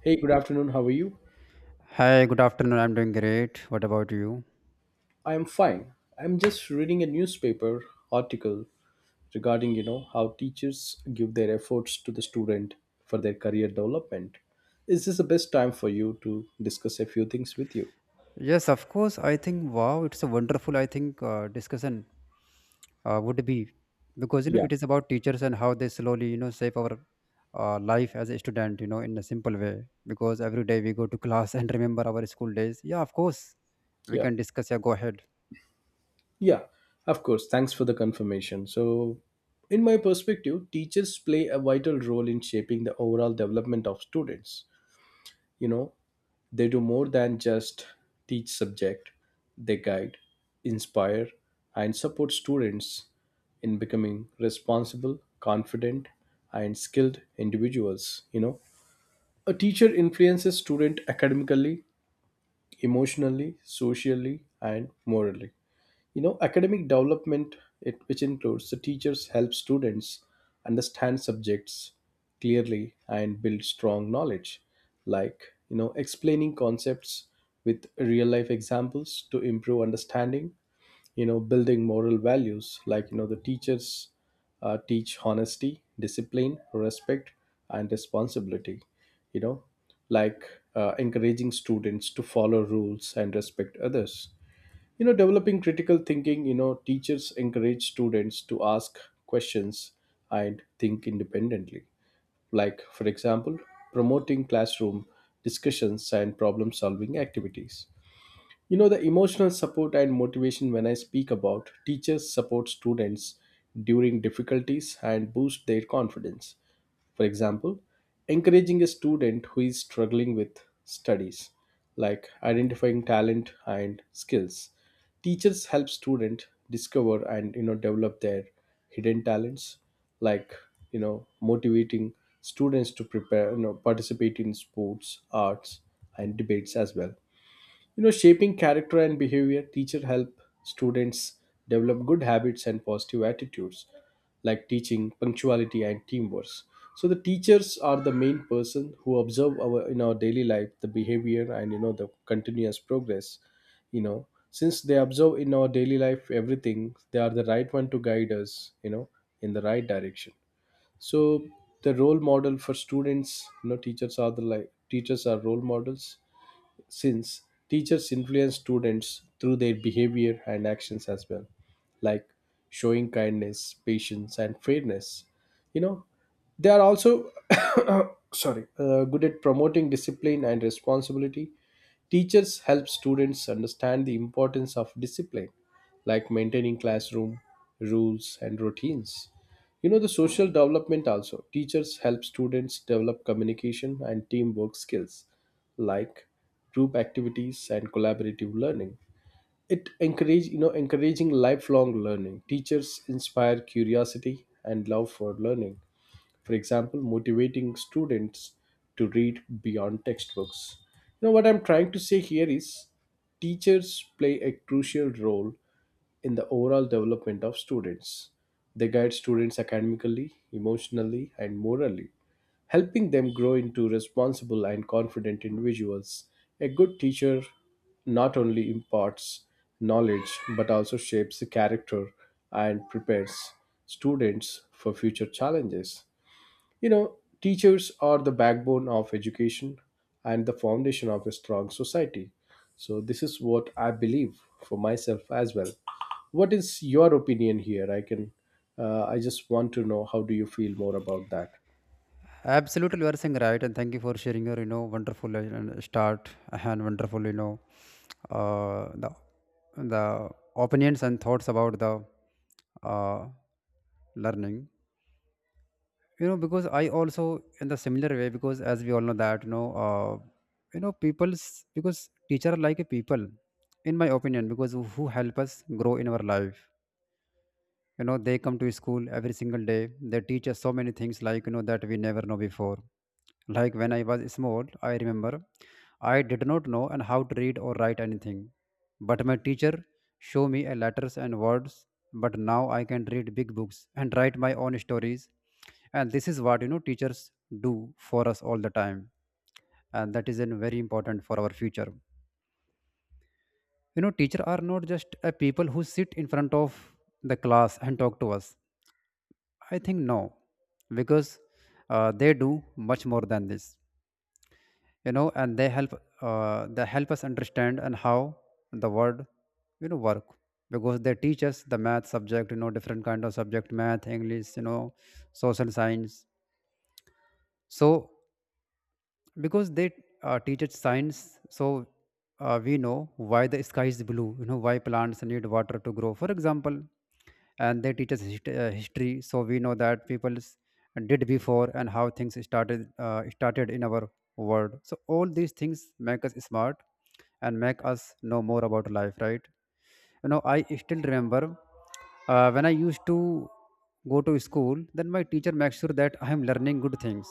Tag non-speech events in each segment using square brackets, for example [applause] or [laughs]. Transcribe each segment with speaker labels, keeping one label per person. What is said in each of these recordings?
Speaker 1: Hey, good afternoon. How are you?
Speaker 2: Hi, good afternoon. I'm doing great. What about you?
Speaker 1: I am fine. I'm just reading a newspaper article regarding, how teachers give their efforts to the student for their career development. Is this the best time for you to discuss a few things with you?
Speaker 2: Yes, of course. I think wow, it's a wonderful. I think discussion would be because you know
Speaker 1: Yeah,
Speaker 2: it is about teachers and how they slowly you know shape our life as a student. You know, in a simple way because every day we go to [laughs] class and remember our school days. Yeah, of course, we
Speaker 1: yeah,
Speaker 2: can discuss. Yeah, go ahead.
Speaker 1: yeah. Of course. Thanks for the confirmation. So, in my perspective, teachers play a vital role in shaping the overall development of students. You know, They do more than just teach subject. They guide, inspire and support students in becoming responsible, confident and skilled individuals. A teacher influences student academically, emotionally, socially and morally, academic development, which includes the teachers help students understand subjects clearly and build strong knowledge, like explaining concepts with real life examples to improve understanding, building moral values, like the teachers teach honesty, discipline, respect and responsibility. you know like Encouraging students to follow rules and respect others. Developing critical thinking. Teachers encourage students to ask questions and think independently, like for example promoting classroom discussions and problem solving activities. The emotional support and motivation, when I speak about teachers support students during difficulties and boost their confidence. For example, encouraging a student who is struggling with studies, like identifying talent and skills. Teachers help students discover and develop their hidden talents, like motivating students to prepare, participate in sports, arts, and debates as well. Shaping character and behavior, teacher help students develop good habits and positive attitudes, like teaching, punctuality and teamwork. So the teachers are the main person who observe our in our daily life the behavior and the continuous progress, you know. Since they observe in our daily life everything, they are the right one to guide us, in the right direction. So the role model for students, teachers are the, like teachers are role models since teachers influence students through their behavior and actions as well, like showing kindness, patience, and fairness. You know, they are also [coughs] sorry, good at promoting discipline and responsibility. Teachers help students understand the importance of discipline, like maintaining classroom rules and routines. You know, the social development also. Teachers help students develop communication and teamwork skills, like group activities and collaborative learning. It encourage encouraging lifelong learning. Teachers inspire curiosity and love for learning, for example motivating students to read beyond textbooks. You know what I'm trying to say here is teachers play a crucial role in the overall development of students. They guide students academically, emotionally and morally, helping them grow into responsible and confident individuals. A good teacher not only imparts knowledge but also shapes the character and prepares students for future challenges. You know, teachers are the backbone of education and the foundation of a strong society. So, this is what I believe for myself as well. What is your opinion here? I can, I just want to know how do you feel more about that?
Speaker 2: Absolutely, you are saying right, and thank you for sharing your you know wonderful and start and wonderful you know uh, the the opinions and thoughts about the uh, learning. You know, because I also in the similar way because as we all know that you know people's because teacher are like a people in my opinion because who help us grow in our life. You know, they come to school every single day. They teach us so many things like you know that we never know before. Like when I was small, I remember I did not know and how to read or write anything. But my teacher showed me a letters and words. But now I can read big books and write my own stories. And this is what you know teachers do for us all the time. And that is an very important for our future. You know, teachers are not just a people who sit in front of the class and talk to us. I think no, because they do much more than this. You know, and they help us understand and how the word you know work, because they teach us the math subject. You know, different kind of subject, math, english, you know, social science. So because they teach us science, so we know why the sky is blue. You know, why plants need water to grow, for example. And they teach us history, so we know that people did before and how things started in our world. So all these things make us smart and make us know more about life, right? You know, I still remember when I used to go to school, then my teacher makes sure that I am learning good things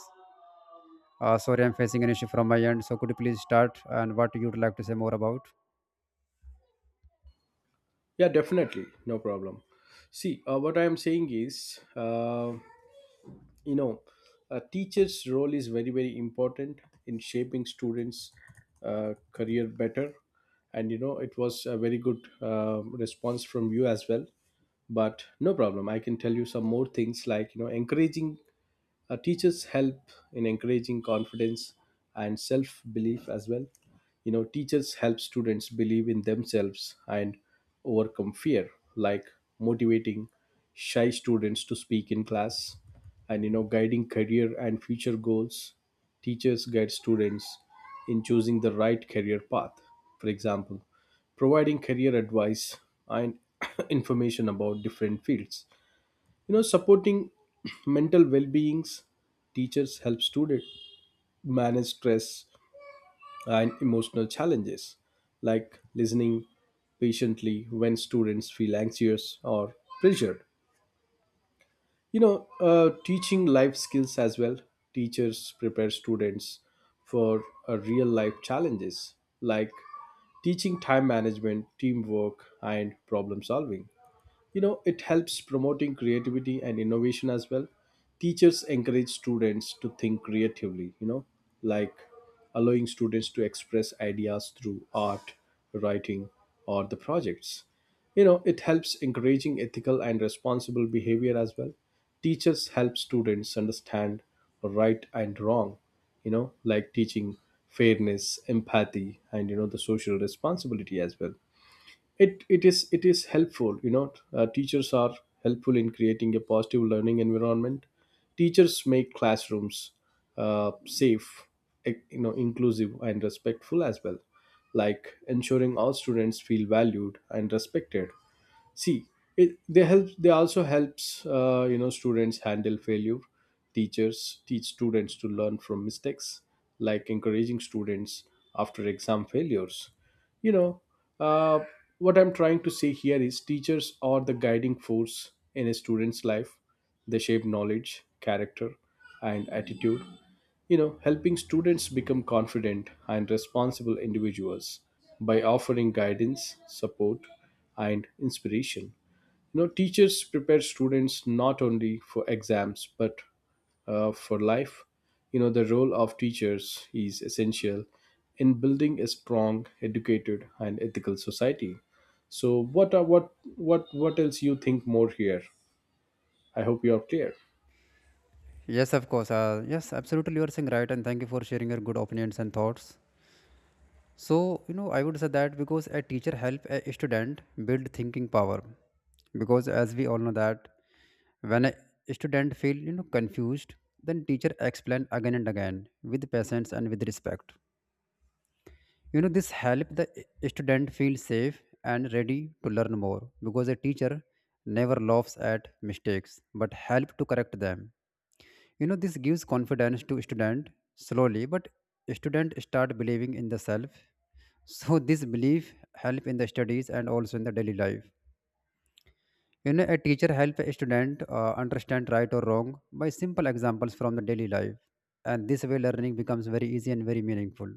Speaker 2: uh, Sorry, I'm facing an issue from my end. So could you please start and what you'd like to say more about?
Speaker 1: Yeah, definitely. No problem. See, what I am saying is, you know, a teacher's role is very very important in shaping students career better, and you know it was a very good response from you as well. But no problem, I can tell you some more things, like encouraging, teachers help in encouraging confidence and self belief as well. You know, teachers help students believe in themselves and overcome fear, like motivating shy students to speak in class, and, you know, guiding career and future goals. Teachers guide students in choosing the right career path. For example, providing career advice and [coughs] [clears throat] information about different fields. You know supporting [clears throat] mental well-beings, teachers help students manage stress and emotional challenges, like listening patiently when students feel anxious or pressured. you know Teaching life skills as well, teachers prepare students for real life challenges, like teaching time management, teamwork and problem solving. You know, it helps promoting creativity and innovation as well. Teachers encourage students to think creatively, you know, like allowing students to express ideas through art, writing, or the projects. You know, it helps encouraging ethical and responsible behavior as well. Teachers help students understand right and wrong, you know, like teaching fairness, empathy, and the social responsibility as well. It is helpful. Teachers are helpful in creating a positive learning environment. Teachers make classrooms safe, inclusive and respectful as well, like ensuring all students feel valued and respected. See, they help, they also helps students handle failure. Teachers teach students to learn from mistakes, like encouraging students after exam failures. you know uh, what I'm trying to say here is teachers are the guiding force in a student's life. They shape knowledge, character and attitude, you know, helping students become confident and responsible individuals by offering guidance, support, and inspiration. You know, teachers prepare students not only for exams but for life. You know, the role of teachers is essential in building a strong, educated, and ethical society. So, what are what else you think more here? I hope you are clear.
Speaker 2: Yes, of course. Yes, absolutely. You are saying right, and thank you for sharing your good opinions and thoughts. So you know, I would say that because a teacher help a student build thinking power, because as we all know that when a student feel you know confused, then teacher explain again and again with patience and with respect. You know, this help the student feel safe and ready to learn more, because a teacher never laughs at mistakes but help to correct them. You know, this gives confidence to student slowly, but student start believing in the self. [laughs] So this belief help in the studies and also in the daily life. You know, a teacher help a student understand right or wrong by simple examples from the daily life, and this way learning becomes very easy and very meaningful.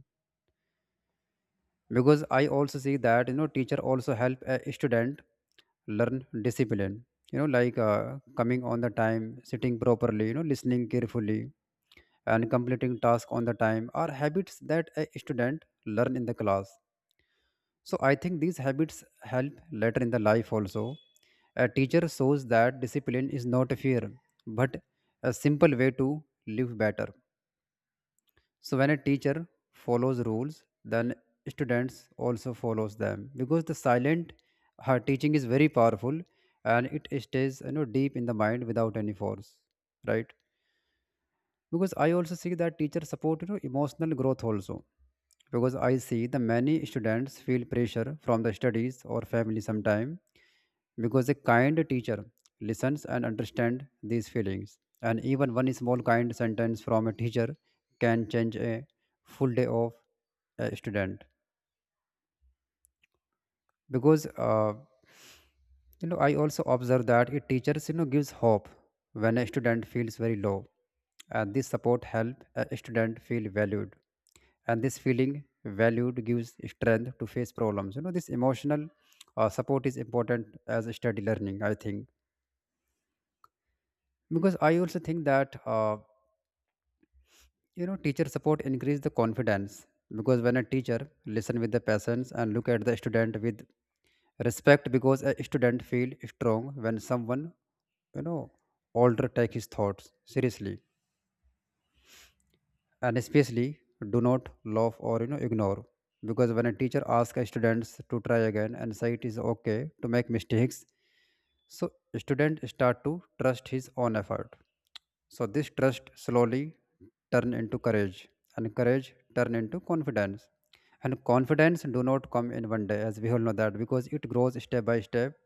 Speaker 2: Because I also see that you know teacher also help a student learn discipline. You know, like coming on the time, sitting properly, you know, listening carefully and completing task on the time are habits that a student learn in the class. So I think these habits help later in the life also. A teacher shows that discipline is not a fear, but a simple way to live better. So when a teacher follows rules, then students also follows them, because the silent her teaching is very powerful and it stays you know deep in the mind without any force, right? Because I also see that teachers support you know emotional growth also, because I see the many students feel pressure from the studies or family sometime. Because a kind teacher listens and understands these feelings, and even one small kind sentence from a teacher can change a full day of a student. Because you know, I also observe that it teachers you know gives hope when a student feels very low, and this support help a student feel valued, and this feeling valued gives strength to face problems. You know, this emotional support is important as a study learning, I think. Because I also think that you know, teacher support increase the confidence, because when a teacher listen with the patience and look at the student with respect, because a student feel strong when someone you know older take his thoughts seriously, and especially do not laugh or you know ignore. Because when a teacher asks a students to try again and say it is okay to make mistakes, so student start to trust his own effort. So this trust slowly turn into courage, and courage turn into confidence, and confidence do not come in one day, as we all know that, because it grows step by step.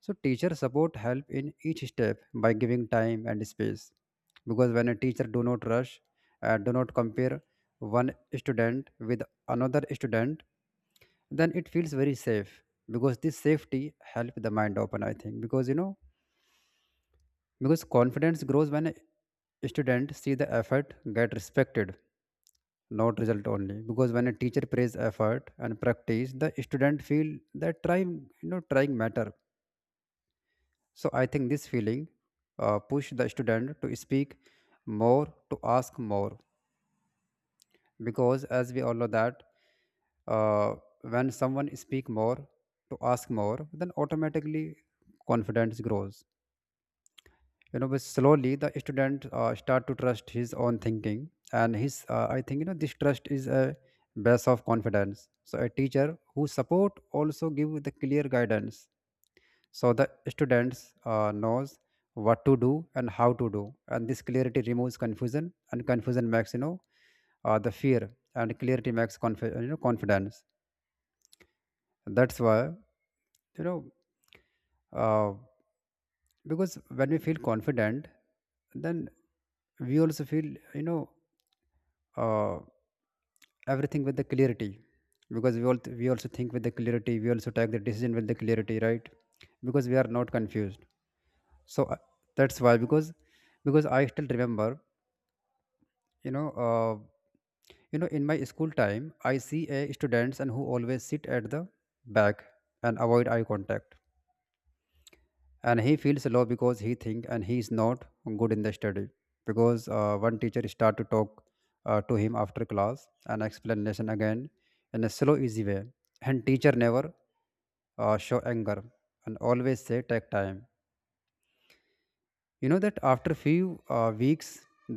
Speaker 2: So teacher support help in each step by giving time and space. Because when a teacher do not rush, do not compare one student with another student, then it feels very safe. Because this safety helps the mind open, I think. Because you know, because confidence grows when a student see the effort get respected, not result only. Because when a teacher praise effort and practice, the student feel that trying you know trying matter. So I think this feeling push the student to speak more, to ask more. Because as we all know that uh, when someone speak more to ask more, then automatically confidence grows. You know, but slowly the student start to trust his own thinking and his I think you know this trust is a base of confidence. So a teacher who support also give the clear guidance, so the students knows what to do and how to do, and this clarity removes confusion, and confusion makes you know the fear, and clarity makes you know confidence. That's why you know uh, because when we feel confident, then we also feel you know uh, everything with the clarity, because we also think with the clarity, we also take the decision with the clarity, right? Because we are not confused. So that's why because I still remember you know uh, you know in my school time, I see a students and who always sit at the back and avoid eye contact, and he feels low because he think and he is not good in the study. Because one teacher start to talk to him after class and explanation again in a slow easy way, and teacher never show anger and always say take time. You know that after few weeks,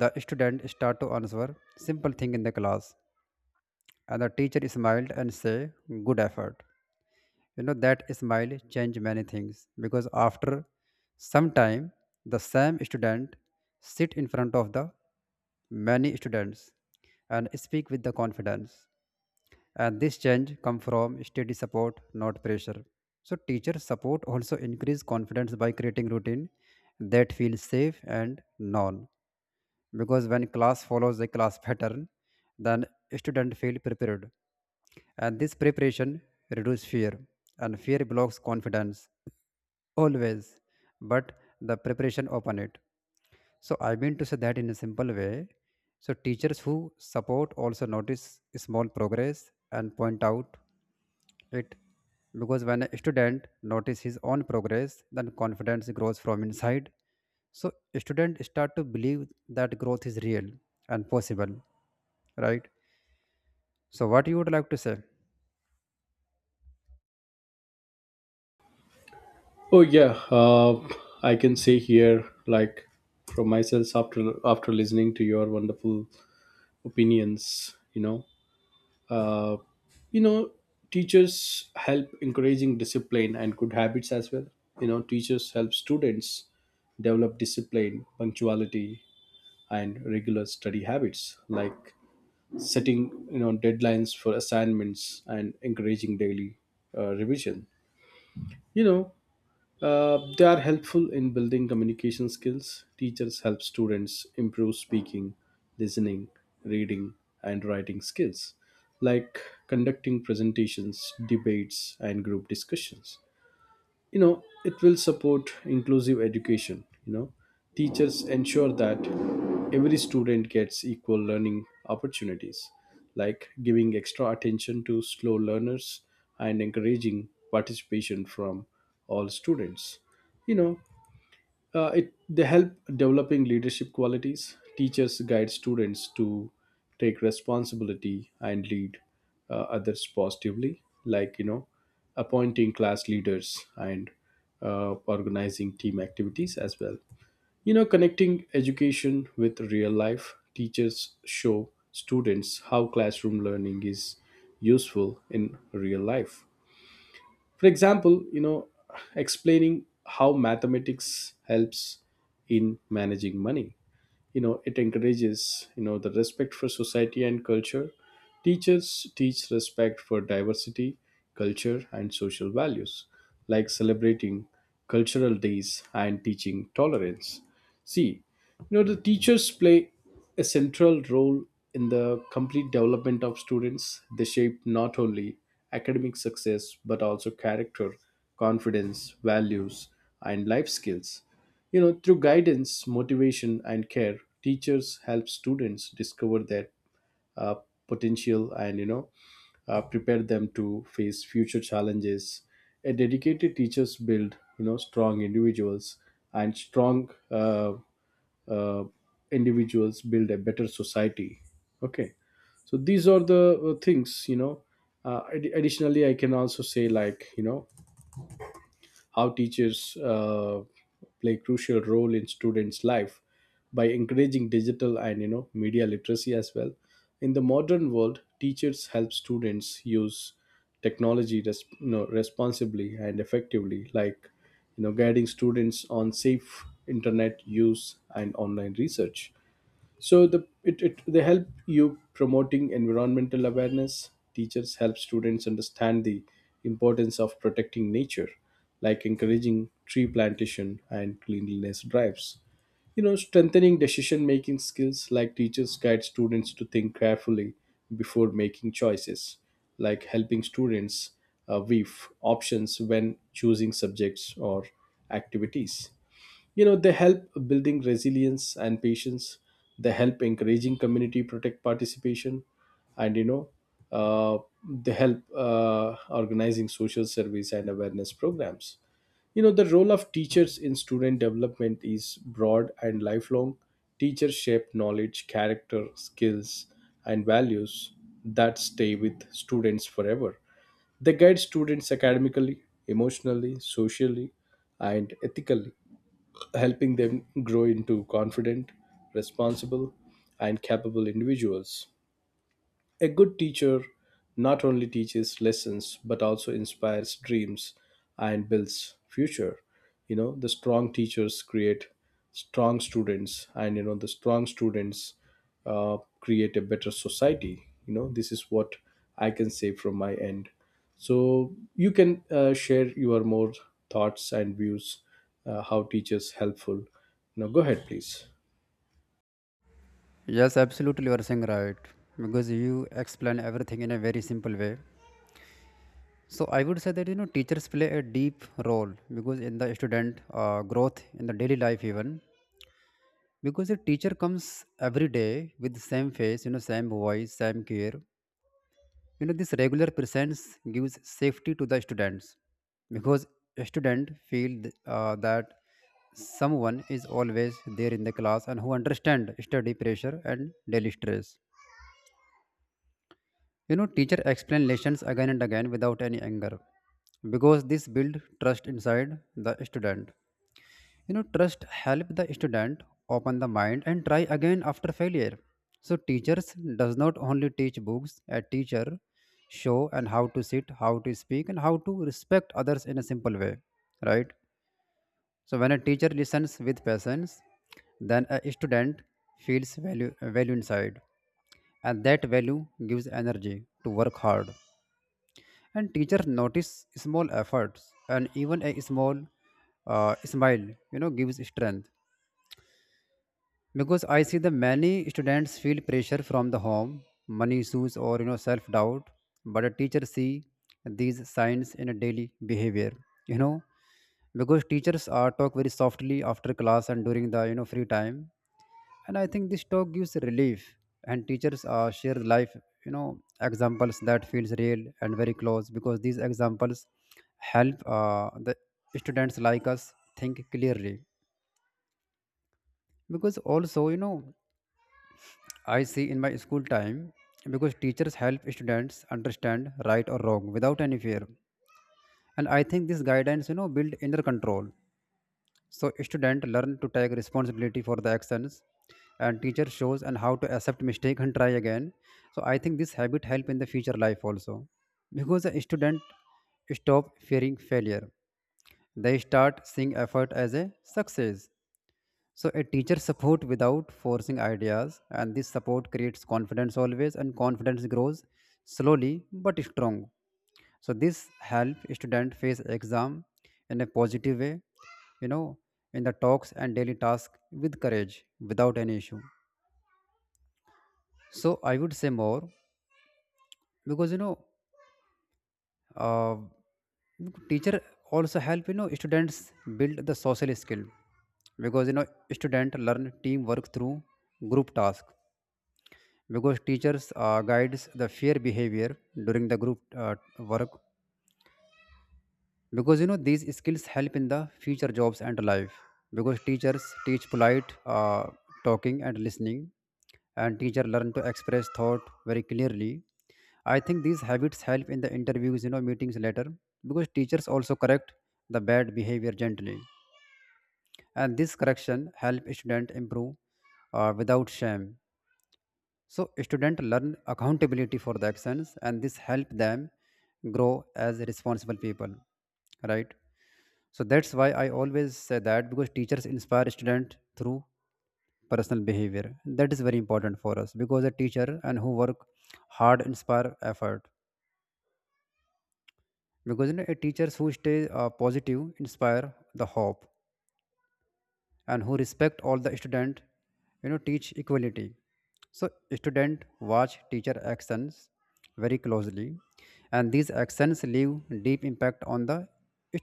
Speaker 2: the student start to answer simple thing in the class. And the teacher smiled and said, good effort. You know, that smile changed many things. Because after some time, the same student sit in front of the many students and speak with the confidence. And this change come from steady support, not pressure. So teacher support also increase confidence by creating routine that feels safe and known. Because when class follows the class pattern, then student feel prepared, and this preparation reduces fear, and fear blocks confidence always, but the preparation open it. So I mean to say that in a simple way. So teachers who support also notice small progress and point out it, because when a student notice his own progress, then confidence grows from inside. So students start to believe that growth is real and possible, right? So what you would like to say?
Speaker 1: Oh yeah, I can say here, like from myself after listening to your wonderful opinions, you know, uh, you know, teachers help encouraging discipline and good habits as well. You know, teachers help students develop discipline, punctuality, and regular study habits, like setting deadlines for assignments and encouraging daily revision. You know, they are helpful in building communication skills. Teachers help students improve speaking, listening, reading, and writing skills, like conducting presentations, debates, and group discussions. You know it will support inclusive education. You know teachers ensure that every student gets equal learning opportunities, like giving extra attention to slow learners and encouraging participation from all students. You know uh, it they help developing leadership qualities. Teachers guide students to take responsibility and lead others positively, like you know, appointing class leaders and organizing team activities as well. You know, connecting education with real life. Teachers show students how classroom learning is useful in real life, for example explaining how mathematics helps in managing money. You know it encourages the respect for society and culture. Teachers teach respect for diversity, culture and social values, like celebrating cultural days and teaching tolerance. See, the teachers play a central role in the complete development of students. They shape not only academic success but also character, confidence, values and life skills, you know, through guidance, motivation, and care. Teachers help students discover their uh, potential and, you know, prepare them to face future challenges. A dedicated teachers build, you know, strong individuals, and strong uh, individuals build a better society. Okay, so these are the things, you know. Additionally, I can also say like, you know, how teachers play crucial role in students' life by encouraging digital and media literacy as well. In the modern world, teachers help students use technology you know, responsibly and effectively, like guiding students on safe internet use and online research. So the it, it they help you promoting environmental awareness. Teachers help students understand the importance of protecting nature, like encouraging tree plantation and cleanliness drives. You know, strengthening decision making skills, like teachers guide students to think carefully before making choices, like helping students weave options when choosing subjects or activities. You know they help building resilience and patience. They help encouraging community protect participation and uh, they help organizing social service and awareness programs. You know the role of teachers in student development is broad and lifelong. Teachers shape knowledge, character, skills and values that stay with students forever. They guide students academically, emotionally, socially and ethically, helping them grow into confident, responsible, and capable individuals. A good teacher not only teaches lessons but also inspires dreams and builds future. You know, the strong teachers create strong students, and you know, the strong students create a better society. You know, this is what I can say from my end. So, you can share your more thoughts and views, how teachers helpful. Now, go ahead, please.
Speaker 2: Yes, absolutely, you are saying right. Because you explain everything in a very simple way. So I would say that you know teachers play a deep role, because in the student growth in the daily life even, because a teacher comes every day with the same face, you know, same voice, same care. You know, this regular presence gives safety to the students, because a student feel that someone is always there in the class and who understand study pressure and daily stress. You know, teacher explain lessons again and again without any anger, because this build trust inside the student. You know, trust help the student open the mind and try again after failure. So teachers does not only teach books, a teacher show and how to sit, how to speak and how to respect others in a simple way, right? So when a teacher listens with patience, then a student feels value inside, and that value gives energy to work hard, and teachers notice small efforts, and even a small smile gives strength, because I see the many students feel pressure from the home, money issues, or self doubt. But a teacher see these signs in a daily behavior, you know, because teachers are talk very softly after class and during the free time, and I think this talk gives relief. And teachers share life, you know, examples that feels real and very close, because these examples help the students like us think clearly. Because also, you know, I see in my school time, because teachers help students understand right or wrong without any fear, and I think this guidance, build inner control. So student learn to take responsibility for the actions, and teacher shows and how to accept mistake and try again. So I think this habit help in the future life also. Because a student stop fearing failure. They start seeing effort as a success. So a teacher support without forcing ideas, and this support creates confidence always, and confidence grows slowly but strong. So this help student face exam in a positive way, you know, in the talks and daily task with courage without any issue. So I would say more because uh, teacher also help students build the social skill. Because, student learn teamwork through group task, because teachers guides the fair behavior during the group work, because, these skills help in the future jobs and life. Because teachers teach polite talking and listening, and teacher learn to express thought very clearly. I think these habits help in the interviews, meetings later, because teachers also correct the bad behavior gently, and this correction help student improve without shame. So student learn accountability for the actions, and this help them grow as responsible people, right? So that's why I always say that, because teachers inspire student through personal behavior. That is very important for us, because a teacher and who work hard inspire effort, because, you know, a teachers who stay positive inspire the hope, and who respect all the student, teach equality. So student watch teacher actions very closely, and these actions leave deep impact on the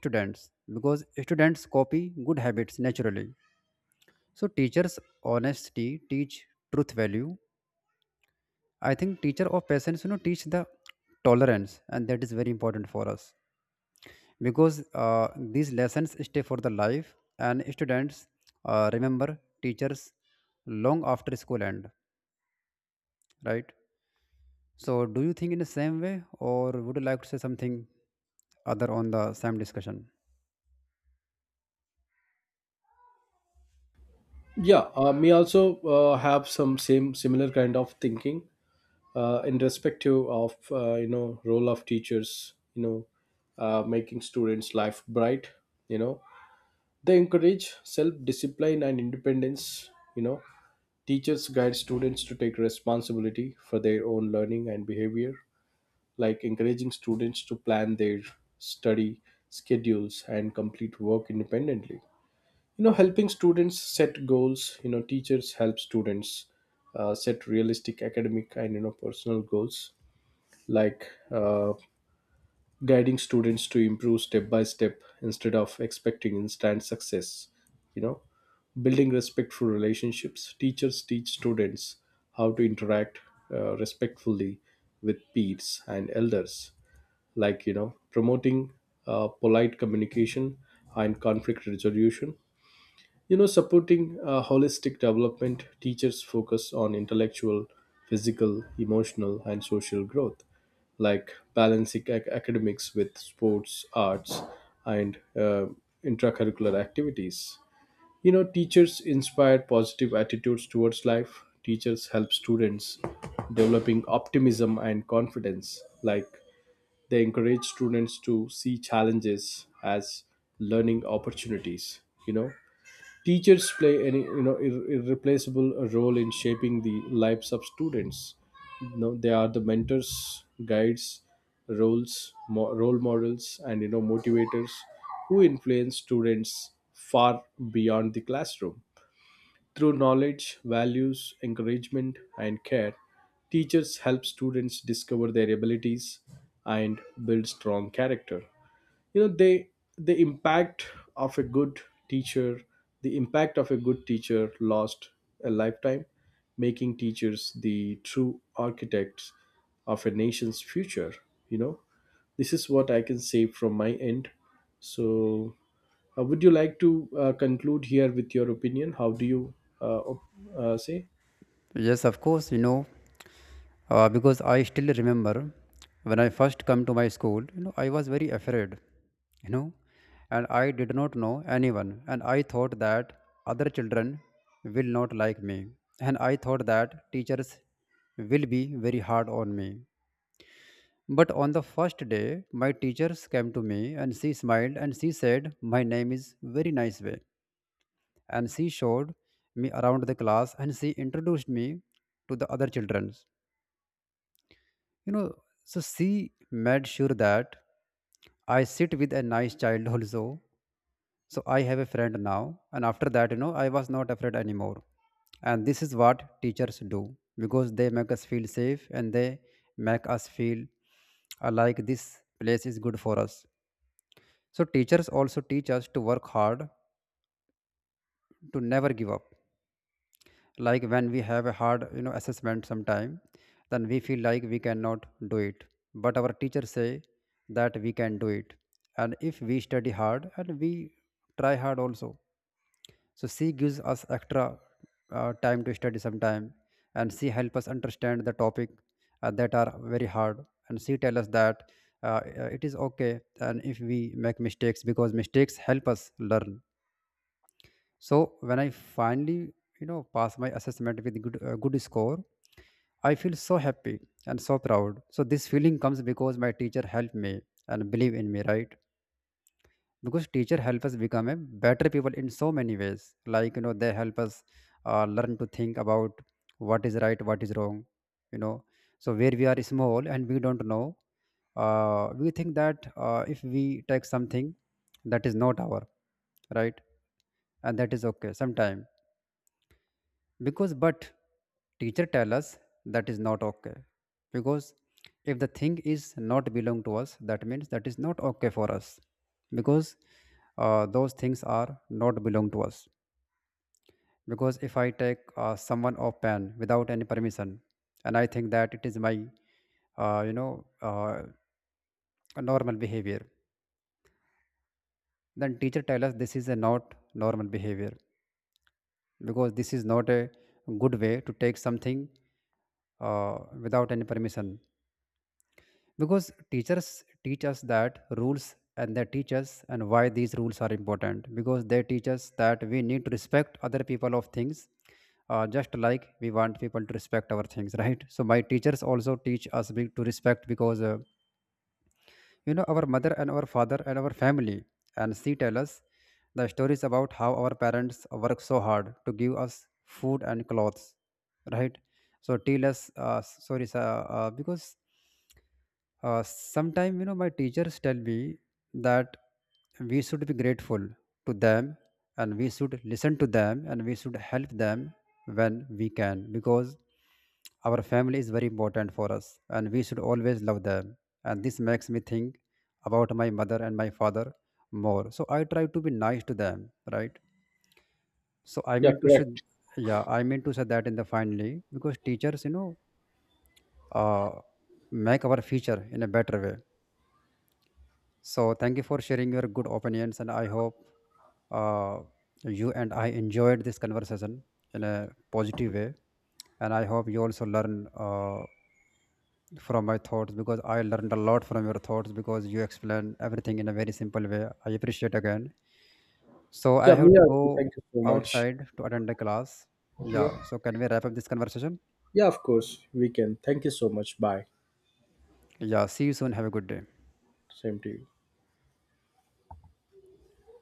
Speaker 2: students, because students copy good habits naturally. So teachers honesty teach truth value. I think teacher of patience, you know, teach the tolerance, and that is very important for us, because uh, these lessons stay for the life, and students remember teachers long after school end, right? So, do you think in the same way, or would you like to say something other on the same discussion?
Speaker 1: Yeah, me also have some same similar kind of thinking in respective of you know role of teachers, making students life bright. You know they encourage self discipline and independence. You know teachers guide students to take responsibility for their own learning and behavior, like encouraging students to plan their study schedules and complete work independently. You know helping students set goals. You know teachers help students set realistic academic and personal goals, like guiding students to improve step by step instead of expecting instant success. You know building respectful relationships, teachers teach students how to interact respectfully with peers and elders, like promoting polite communication and conflict resolution. You know, supporting holistic development, teachers focus on intellectual, physical, emotional, and social growth, like balancing academics with sports, arts, and intracurricular activities. You know, teachers inspire positive attitudes towards life. Teachers help students developing optimism and confidence, like they encourage students to see challenges as learning opportunities. You know, teachers play an irreplaceable role in shaping the lives of students. You know, they are the mentors, guides, role models, and motivators who influence students far beyond the classroom. Through knowledge, values, encouragement, and care, teachers help students discover their abilities and build strong character. You know, the impact of a good teacher, the impact of a good teacher lasts a lifetime, making teachers the true architects of a nation's future, you know. This is what I can say from my end. So would you like to conclude here with your opinion? How do you say?
Speaker 2: Yes, of course. You know, because I still remember when I first come to my school, you know, I was very afraid, you know, and I did not know anyone, and I thought that other children will not like me, and I thought that teachers will be very hard on me. But on the first day, my teachers came to me and she smiled, and she said my name is very nice way, and she showed me around the class, and she introduced me to the other children. You know, so she made sure that I sit with a nice child also. So I have a friend now. And after that, you know, I was not afraid anymore. And this is what teachers do, because they make us feel safe, and they make us feel like this place is good for us. So teachers also teach us to work hard, to never give up. Like when we have a hard, assessment sometime, then we feel like we cannot do it, but our teachers say that we can do it, and if we study hard and we try hard also. So she gives us extra time to study sometime, and she help us understand the topic that are very hard, and she tell us that it is okay and if we make mistakes, because mistakes help us learn. So when I finally, you know, pass my assessment with good score, I feel so happy and so proud. So this feeling comes because my teacher helped me and believe in me, right? Because teacher help us become a better people in so many ways. Like, you know, they help us learn to think about what is right, what is wrong. You know, so where we are small and we don't know, we think that if we take something that is not our right, and that is okay sometime, because, but teacher tell us that is not okay. Because if the thing is not belong to us, that means that is not okay for us, because those things are not belong to us. Because if I take someone of pen without any permission and I think that it is my uh, you know uh, normal behavior, then teacher tell us this is a not normal behavior, because this is not a good way to take something uh, without any permission. Because teachers teach us that rules, and they teach us and why these rules are important, because they teach us that we need to respect other people of things just like we want people to respect our things [laughs] right? So my teachers also teach us to respect, because you know, our mother and our father and our family, and she tell us the stories about how our parents work so hard to give us food and clothes, right? So tell us, sorry sir, because sometime, you know, my teachers tell me that we should be grateful to them, and we should listen to them, and we should help them when we can, because our family is very important for us and we should always love them. And this makes me think about my mother and my father more, so I try to be nice to them, right? So I
Speaker 1: Yeah,
Speaker 2: mean to say,
Speaker 1: correct.
Speaker 2: yeah, I mean to say that in the finally, because teachers, you know, uh, make our future in a better way. So thank you for sharing your good opinions, and I hope, uh, you and I enjoyed this conversation in a positive way, and I hope you also learn uh, from my thoughts, because I learned a lot from your thoughts, because you explain everything in a very simple way. I appreciate again. So I
Speaker 1: Yeah, me
Speaker 2: have to
Speaker 1: also.
Speaker 2: go
Speaker 1: Thank you so much.
Speaker 2: outside to attend the class.
Speaker 1: Yeah,
Speaker 2: Yeah. So can we wrap up this conversation?
Speaker 1: yeah, of course we can. Thank you so much. Bye.
Speaker 2: Yeah. See you soon. Have a good day.
Speaker 1: Same to you.